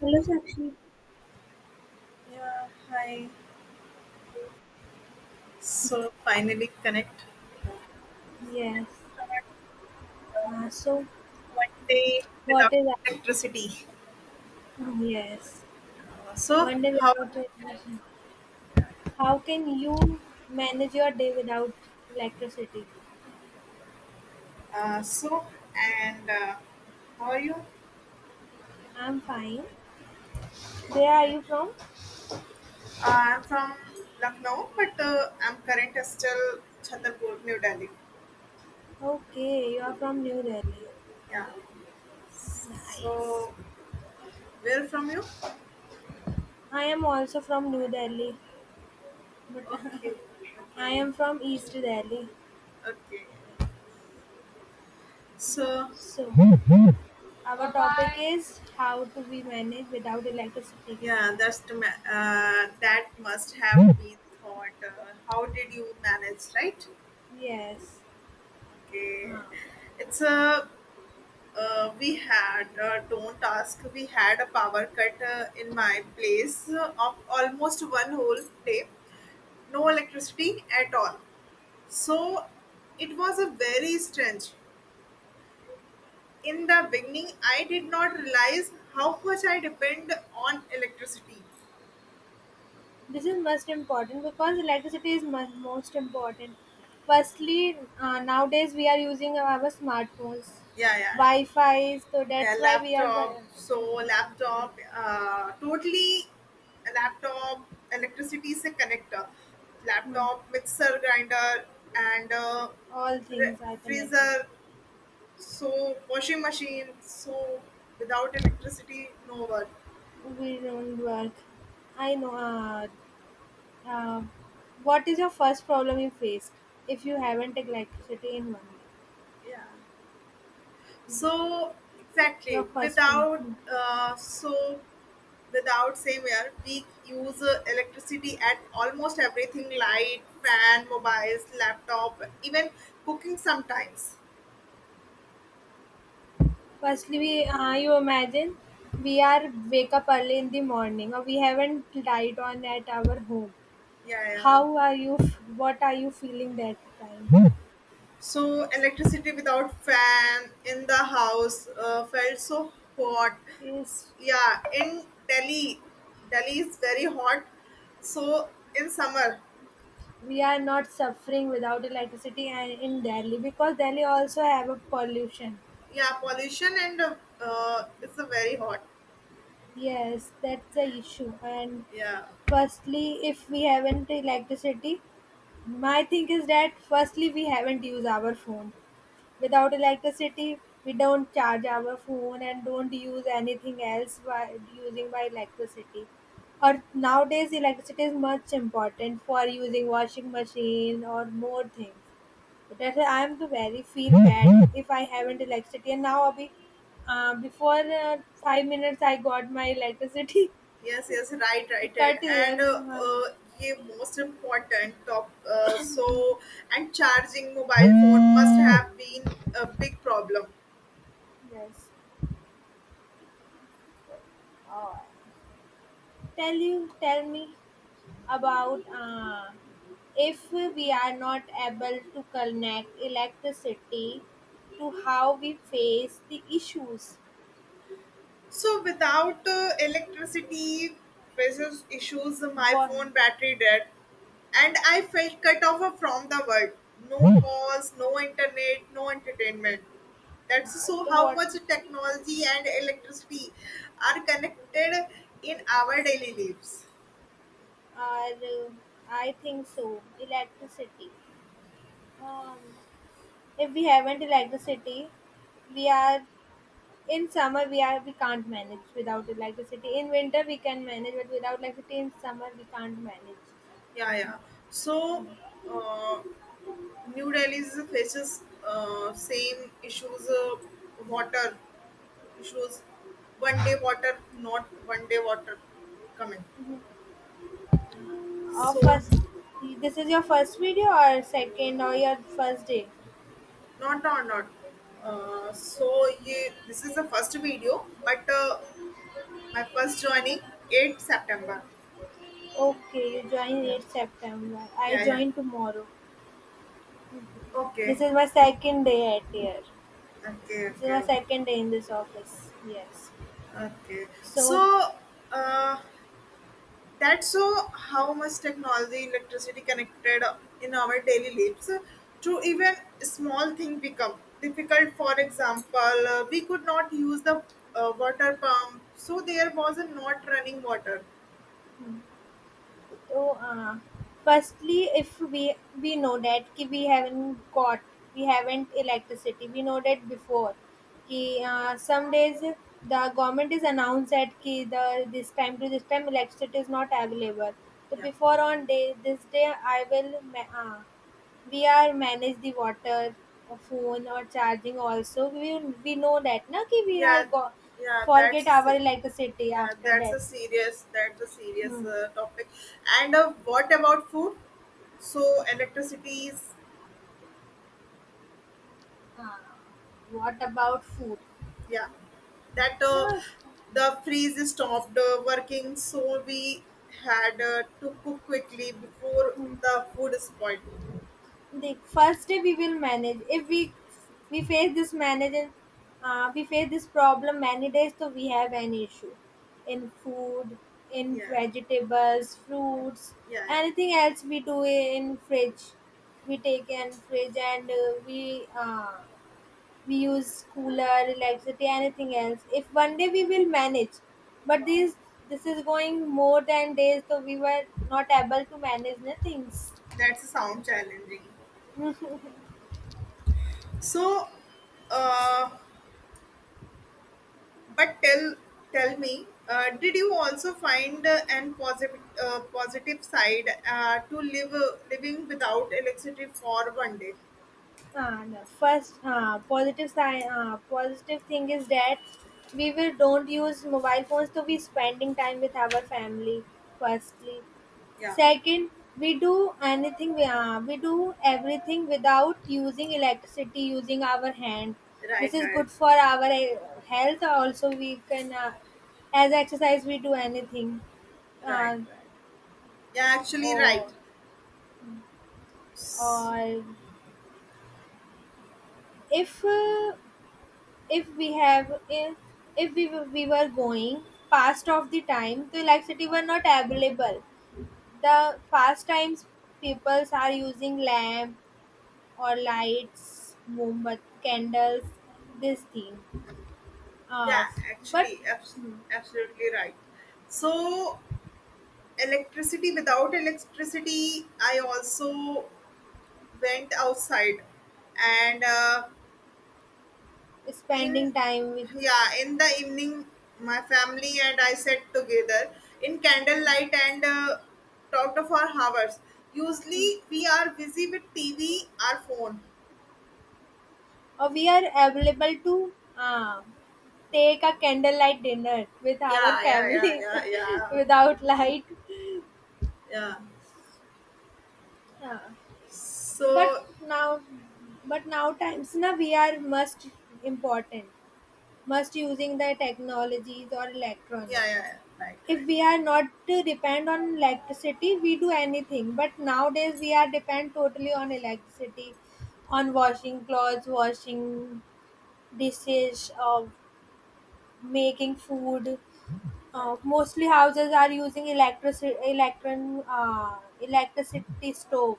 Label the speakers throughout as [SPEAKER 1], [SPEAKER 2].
[SPEAKER 1] Hello, Sakshi.
[SPEAKER 2] Yeah, hi. So finally connect
[SPEAKER 1] Yes. So,
[SPEAKER 2] one day
[SPEAKER 1] what
[SPEAKER 2] without
[SPEAKER 1] is
[SPEAKER 2] electricity.
[SPEAKER 1] yes?
[SPEAKER 2] So
[SPEAKER 1] One day
[SPEAKER 2] how?
[SPEAKER 1] without electricity. How can you manage your day without electricity?
[SPEAKER 2] So and How are you?
[SPEAKER 1] I'm fine. Where are you from?
[SPEAKER 2] I'm from Lucknow, but I'm currently still Chhatarpur, New Delhi.
[SPEAKER 1] Okay, you are from New Delhi.
[SPEAKER 2] Yeah.
[SPEAKER 1] Nice.
[SPEAKER 2] So where from you?
[SPEAKER 1] I am also from New Delhi, but
[SPEAKER 2] Okay.
[SPEAKER 1] I
[SPEAKER 2] Okay.
[SPEAKER 1] am from East Delhi.
[SPEAKER 2] Okay. So
[SPEAKER 1] So, our topic is how to be managed without electricity.
[SPEAKER 2] yeah, that must have been thought. How did you manage, right?
[SPEAKER 1] Yes.
[SPEAKER 2] Okay,
[SPEAKER 1] Ah.
[SPEAKER 2] it's a we had don't ask. We had a power cut in my place of almost one whole day, no electricity at all. So it was a very strange. In the beginning, I did not realize how much I depend on electricity.
[SPEAKER 1] This is most important because electricity is most important. Firstly, nowadays we are using our smartphones,
[SPEAKER 2] Yeah, yeah, yeah.
[SPEAKER 1] Wi-Fi, so
[SPEAKER 2] A
[SPEAKER 1] that's why we are
[SPEAKER 2] laptop, so laptop, totally a laptop, electricity is a connector,
[SPEAKER 1] hmm,
[SPEAKER 2] laptop, mixer, grinder, and
[SPEAKER 1] all
[SPEAKER 2] re-
[SPEAKER 1] things are connected.
[SPEAKER 2] freezer, so washing machine, so without electricity, no work.
[SPEAKER 1] We don't work. I know. Uh, what is your first problem you faced if you haven't electricity in one day?
[SPEAKER 2] Yeah. So
[SPEAKER 1] Your
[SPEAKER 2] exactly
[SPEAKER 1] first one.
[SPEAKER 2] without soap, without same air, we use electricity at almost everything, light, fan, mobiles, laptop, even cooking sometimes.
[SPEAKER 1] Firstly, we you imagine we are wake up early in the morning or we haven't light on at our home.
[SPEAKER 2] Yeah,
[SPEAKER 1] How
[SPEAKER 2] yeah.
[SPEAKER 1] are you? What are you feeling that time?
[SPEAKER 2] So electricity without fan in the house felt so hot.
[SPEAKER 1] Is
[SPEAKER 2] Yeah, in Delhi, Delhi is very hot, so in summer.
[SPEAKER 1] We are not suffering without electricity and in Delhi because Delhi also have a pollution.
[SPEAKER 2] Yeah, pollution and it's a very hot.
[SPEAKER 1] Yes, that's the issue. And
[SPEAKER 2] Yeah.
[SPEAKER 1] firstly, if we haven't electricity, my thing is that firstly we haven't used our phone. Without electricity, we don't charge our phone and don't use anything else by using by electricity. Or nowadays, electricity is much important for using washing machine or more things. That I am the very feel bad if I haven't electricity. And now, Abhi, before 5 minutes, I got my electricity
[SPEAKER 2] Yes, yes, right, right, right.
[SPEAKER 1] cut there.
[SPEAKER 2] And ये most important top so, and charging mobile phone must have been a big problem.
[SPEAKER 1] Yes. Oh, tell me about if we are not able to connect electricity to how we face the issues.
[SPEAKER 2] So without electricity, faces issues, my
[SPEAKER 1] What?
[SPEAKER 2] phone battery dead, and I felt cut off from the world. No calls, no internet, no entertainment.
[SPEAKER 1] uh,
[SPEAKER 2] That's so
[SPEAKER 1] the
[SPEAKER 2] how
[SPEAKER 1] what
[SPEAKER 2] much technology and electricity are connected in our daily lives.
[SPEAKER 1] are, I think so electricity. Um, if we haven't electricity, we are in summer we can't manage without electricity. In winter we can manage, but without electricity in summer we can't manage.
[SPEAKER 2] Yeah, yeah. So, uh, New Delhi is- faces same issues, water issues, one day water, not one day water coming. So,
[SPEAKER 1] First, this is your first video or second or your first day?
[SPEAKER 2] not or not. This is the first video, but my first joining 8 September.
[SPEAKER 1] Okay, you joined
[SPEAKER 2] Yeah,
[SPEAKER 1] in September. I
[SPEAKER 2] yeah, yeah.
[SPEAKER 1] joined tomorrow. This
[SPEAKER 2] Okay,
[SPEAKER 1] is my second day at here.
[SPEAKER 2] okay,
[SPEAKER 1] This is
[SPEAKER 2] okay,
[SPEAKER 1] my
[SPEAKER 2] okay.
[SPEAKER 1] second day in this office. Yes.
[SPEAKER 2] Okay.
[SPEAKER 1] So,
[SPEAKER 2] So, uh, that's so how much technology, electricity connected in our daily lives, to even small thing become difficult. For example, we could not use the water pump, so there was a not running water.
[SPEAKER 1] So, uh, firstly, if we know that कि we haven't electricity, we know that before. कि some days the government is announced that कि the this time to this time electricity is not available. So
[SPEAKER 2] Yeah,
[SPEAKER 1] before on day this day I will we are manage the water or phone or charging also we know that na कि
[SPEAKER 2] yeah, yeah.
[SPEAKER 1] forget our electricity
[SPEAKER 2] Yeah.
[SPEAKER 1] after
[SPEAKER 2] That's
[SPEAKER 1] that.
[SPEAKER 2] a serious. That's a serious
[SPEAKER 1] Hmm.
[SPEAKER 2] topic. And what about food? So electricity is,
[SPEAKER 1] Uh, what about food?
[SPEAKER 2] yeah, that
[SPEAKER 1] No,
[SPEAKER 2] the freeze stopped working, so we had to cook quickly before the food spoiled.
[SPEAKER 1] the first day we will manage. If we face this manage, we face this problem many days, so we have an issue in food, in
[SPEAKER 2] Yeah,
[SPEAKER 1] vegetables, fruits,
[SPEAKER 2] yeah, yeah.
[SPEAKER 1] anything else we do in fridge. We take in fridge and we use cooler, electricity, anything else. If one day we will manage, but
[SPEAKER 2] Wow,
[SPEAKER 1] these this is going more than days, so we were not able to manage the things.
[SPEAKER 2] that's a sound challenging. So, uh, but tell me, did you also find an positive side to live living without electricity for one day?
[SPEAKER 1] And first, positive side, positive thing is that we will don't use mobile phones, so we spending time with our family. Firstly,
[SPEAKER 2] Yeah,
[SPEAKER 1] Second, we do anything we do everything without using electricity, using our hand. This
[SPEAKER 2] right,
[SPEAKER 1] is
[SPEAKER 2] right,
[SPEAKER 1] good for our health. Also, we can as exercise we do anything.
[SPEAKER 2] right,
[SPEAKER 1] Uh,
[SPEAKER 2] right, yeah, actually right.
[SPEAKER 1] or or if uh, if we have if we were going past of the time, the electricity were not available. The past times peoples are using lamp or lights, moombat candles, this thing. Uh,
[SPEAKER 2] Yeah,
[SPEAKER 1] but
[SPEAKER 2] actually, absolutely right. So electricity, without electricity, I also went outside. And
[SPEAKER 1] spending
[SPEAKER 2] in,
[SPEAKER 1] time with,
[SPEAKER 2] yeah, in the evening, my family and I sat together in candlelight and talked for hours. Usually, we are busy with TV, our phone.
[SPEAKER 1] or we are available to take a candlelight dinner with our
[SPEAKER 2] Yeah, yeah, yeah,
[SPEAKER 1] family
[SPEAKER 2] yeah, yeah,
[SPEAKER 1] without light.
[SPEAKER 2] yeah.
[SPEAKER 1] Uh, but
[SPEAKER 2] So,
[SPEAKER 1] now, but now times now we are must important must using the technologies or electronic.
[SPEAKER 2] yeah, yeah, yeah. Right,
[SPEAKER 1] If
[SPEAKER 2] right,
[SPEAKER 1] we
[SPEAKER 2] right.
[SPEAKER 1] are not to depend on electricity we do anything but nowadays we are depend totally on electricity on washing clothes washing dishes making food
[SPEAKER 2] Right.
[SPEAKER 1] mostly houses are using electricity electron electricity stove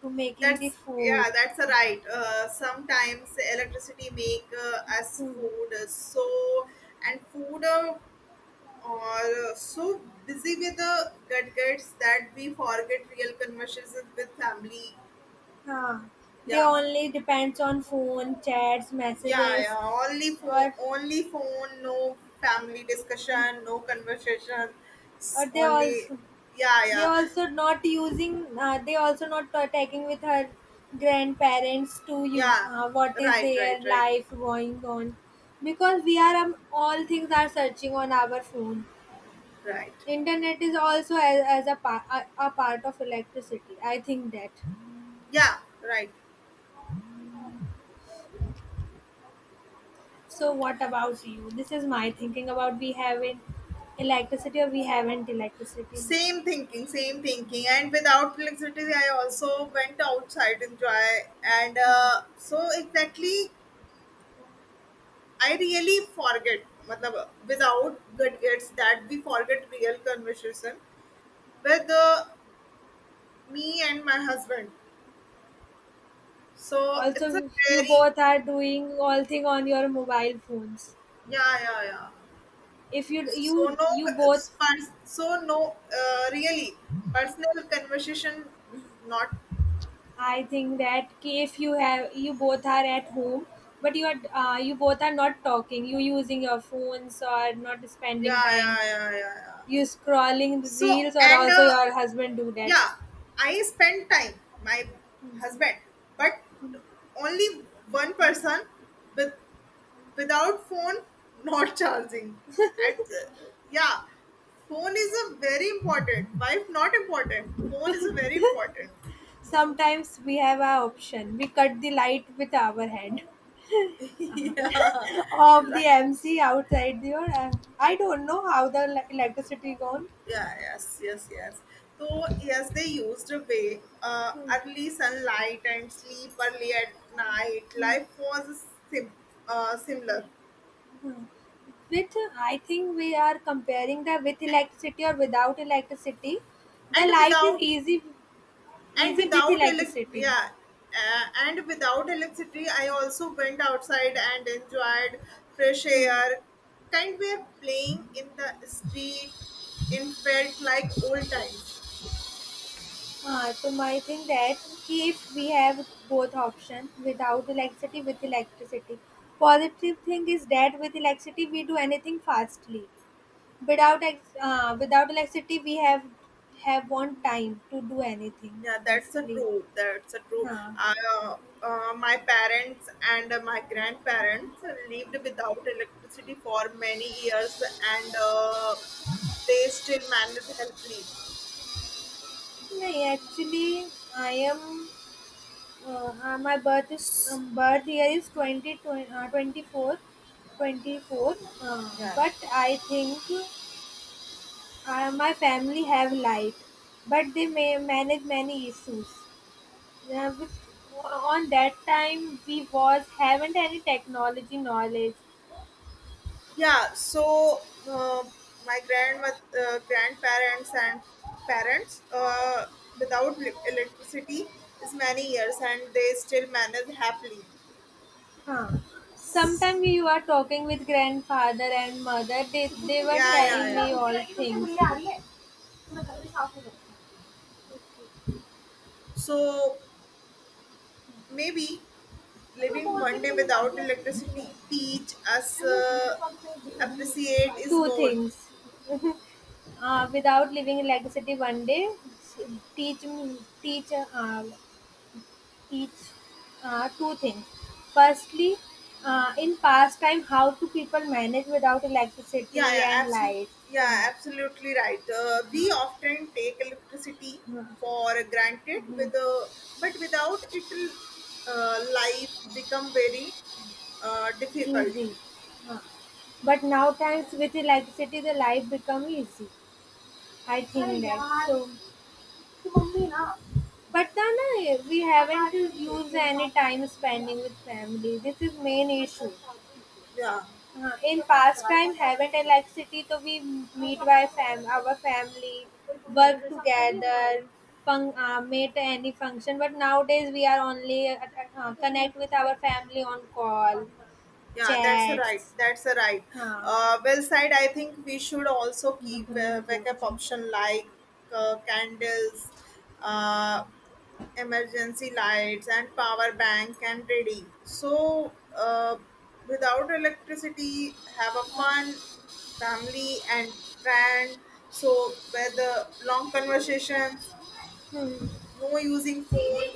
[SPEAKER 1] to making the
[SPEAKER 2] That's,
[SPEAKER 1] food
[SPEAKER 2] yeah, that's a
[SPEAKER 1] uh,
[SPEAKER 2] right. Sometimes electricity make us
[SPEAKER 1] to,
[SPEAKER 2] food so, and food are so busy with the gadgets that we forget real conversations with family.
[SPEAKER 1] uh, they
[SPEAKER 2] Yeah,
[SPEAKER 1] only depends on phone chats
[SPEAKER 2] yeah,
[SPEAKER 1] messages
[SPEAKER 2] yeah. Only phone,
[SPEAKER 1] or
[SPEAKER 2] only phone. No family discussion. No conversation.
[SPEAKER 1] or
[SPEAKER 2] Only yeah,
[SPEAKER 1] they
[SPEAKER 2] yeah,
[SPEAKER 1] also not using they also not taking with her grandparents to you
[SPEAKER 2] yeah.
[SPEAKER 1] what is
[SPEAKER 2] Right, right,
[SPEAKER 1] their
[SPEAKER 2] right,
[SPEAKER 1] life going on because we are all things are searching on our phone.
[SPEAKER 2] right.
[SPEAKER 1] Internet is also as a, par- a part of electricity I think that.
[SPEAKER 2] Yeah, right.
[SPEAKER 1] So what about you? This is my thinking about we haven't electricity.
[SPEAKER 2] Same thinking, same thinking. And without electricity, I also went outside enjoy. And so exactly, I really forget. मतलब without gadgets that we forget real conversation with me and my husband. So it's a
[SPEAKER 1] Also you
[SPEAKER 2] very
[SPEAKER 1] both are doing all thing on your mobile phones
[SPEAKER 2] yeah, yeah, yeah.
[SPEAKER 1] if you
[SPEAKER 2] So
[SPEAKER 1] you
[SPEAKER 2] no
[SPEAKER 1] you both.
[SPEAKER 2] so no really personal conversation, not
[SPEAKER 1] I think that ki if you have you both are at home, but you both are not talking. You using your phones or not spending
[SPEAKER 2] yeah,
[SPEAKER 1] time.
[SPEAKER 2] yeah, yeah, yeah, yeah.
[SPEAKER 1] You scrolling
[SPEAKER 2] So
[SPEAKER 1] reels or
[SPEAKER 2] and
[SPEAKER 1] also your husband do that.
[SPEAKER 2] yeah, I spend time my husband, but only one person with, without phone not charging at yeah, phone is a very important, wife not important, phone is a very important.
[SPEAKER 1] Sometimes we have a option. We cut the light with our hand
[SPEAKER 2] Yeah.
[SPEAKER 1] of the
[SPEAKER 2] Right.
[SPEAKER 1] MC outside there. I don't know how the electricity gone.
[SPEAKER 2] Yeah, yes, yes, yes. So yes, they used a way early sunlight and sleep early at night, life was sim- similar.
[SPEAKER 1] With I think we are comparing the with electricity or without electricity. The
[SPEAKER 2] and
[SPEAKER 1] life is
[SPEAKER 2] without
[SPEAKER 1] easy
[SPEAKER 2] and
[SPEAKER 1] easy with
[SPEAKER 2] without elec
[SPEAKER 1] electricity.
[SPEAKER 2] yeah, and without electricity, I also went outside and enjoyed fresh air, kind were playing in the street, in felt like old times.
[SPEAKER 1] So I think that कि if we have both options without electricity with electricity. Positive thing is that with electricity we do anything fastly. Without without electricity we have one time to do anything.
[SPEAKER 2] Yeah, that's a
[SPEAKER 1] Fastly.
[SPEAKER 2] true, that's a true.
[SPEAKER 1] हाँ
[SPEAKER 2] uh, my parents and my grandparents lived without electricity for many years, and they still managed helpfully.
[SPEAKER 1] नहीं actually I am my birth year is twenty twenty four twenty four
[SPEAKER 2] Yeah.
[SPEAKER 1] But I think. My family have light, but they may manage many issues. Uh, with, on that time, we was haven't any technology knowledge.
[SPEAKER 2] Yeah, so uh, my grandparents and parents without li- electricity is many years, and they still manage happily.
[SPEAKER 1] Huh.
[SPEAKER 2] S-
[SPEAKER 1] Sometimes you are talking with grandfather and mother. They were
[SPEAKER 2] Yeah, yeah,
[SPEAKER 1] telling me
[SPEAKER 2] yeah.
[SPEAKER 1] all things.
[SPEAKER 2] So maybe living one day without electricity teach us appreciate is
[SPEAKER 1] Two
[SPEAKER 2] more.
[SPEAKER 1] things. Without living electricity one day teach teach uh, teach two things, firstly in past time how do people manage without
[SPEAKER 2] Yeah,
[SPEAKER 1] electricity
[SPEAKER 2] yeah,
[SPEAKER 1] and
[SPEAKER 2] absolutely.
[SPEAKER 1] light. uh,
[SPEAKER 2] Yeah, absolutely right. We often take electricity for granted, with but without it, life become very difficult.
[SPEAKER 1] Easy. Uh, but now times with electricity the life become easy I think that. So but then we haven't used any time spending with family, this is main issue.
[SPEAKER 2] Yeah,
[SPEAKER 1] हाँ, in pastime, heaven and like city. So we meet by our family, work together, fun, meet any function. But nowadays, we are only connect with our family on call,
[SPEAKER 2] yeah, that's a right.
[SPEAKER 1] chats.
[SPEAKER 2] That's a right.
[SPEAKER 1] हाँ.
[SPEAKER 2] Well side, I think we should also
[SPEAKER 1] Hmm.
[SPEAKER 2] keep backup option like candles, uh, emergency lights and power bank and ready, so without electricity have a fun, family and friend, so where the long conversations, no using phone.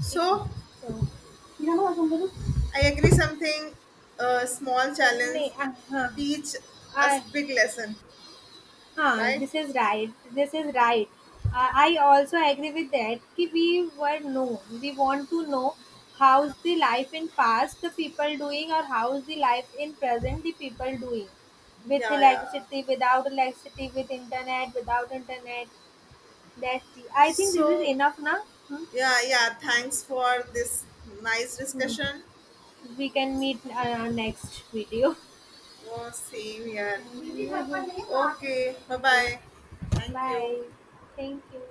[SPEAKER 2] So
[SPEAKER 1] So,
[SPEAKER 2] I agree something, small challenge
[SPEAKER 1] नहीं, हाँ.
[SPEAKER 2] teach us
[SPEAKER 1] I
[SPEAKER 2] big lesson,
[SPEAKER 1] Huh?
[SPEAKER 2] right.
[SPEAKER 1] This is right. This is right. I also agree with that. कि we were no, we want to know how's the life in past the people doing or how's the life in present the people doing with
[SPEAKER 2] Yeah, yeah,
[SPEAKER 1] electricity, without electricity, with internet, without internet. I think this is
[SPEAKER 2] so
[SPEAKER 1] enough now. Hmm?
[SPEAKER 2] yeah, yeah, thanks for this nice
[SPEAKER 1] Hmm.
[SPEAKER 2] discussion.
[SPEAKER 1] We can meet next video.
[SPEAKER 2] Oh, same here. Okay, bye
[SPEAKER 1] Okay,
[SPEAKER 2] bye. Thank you.
[SPEAKER 1] bye. Thank you.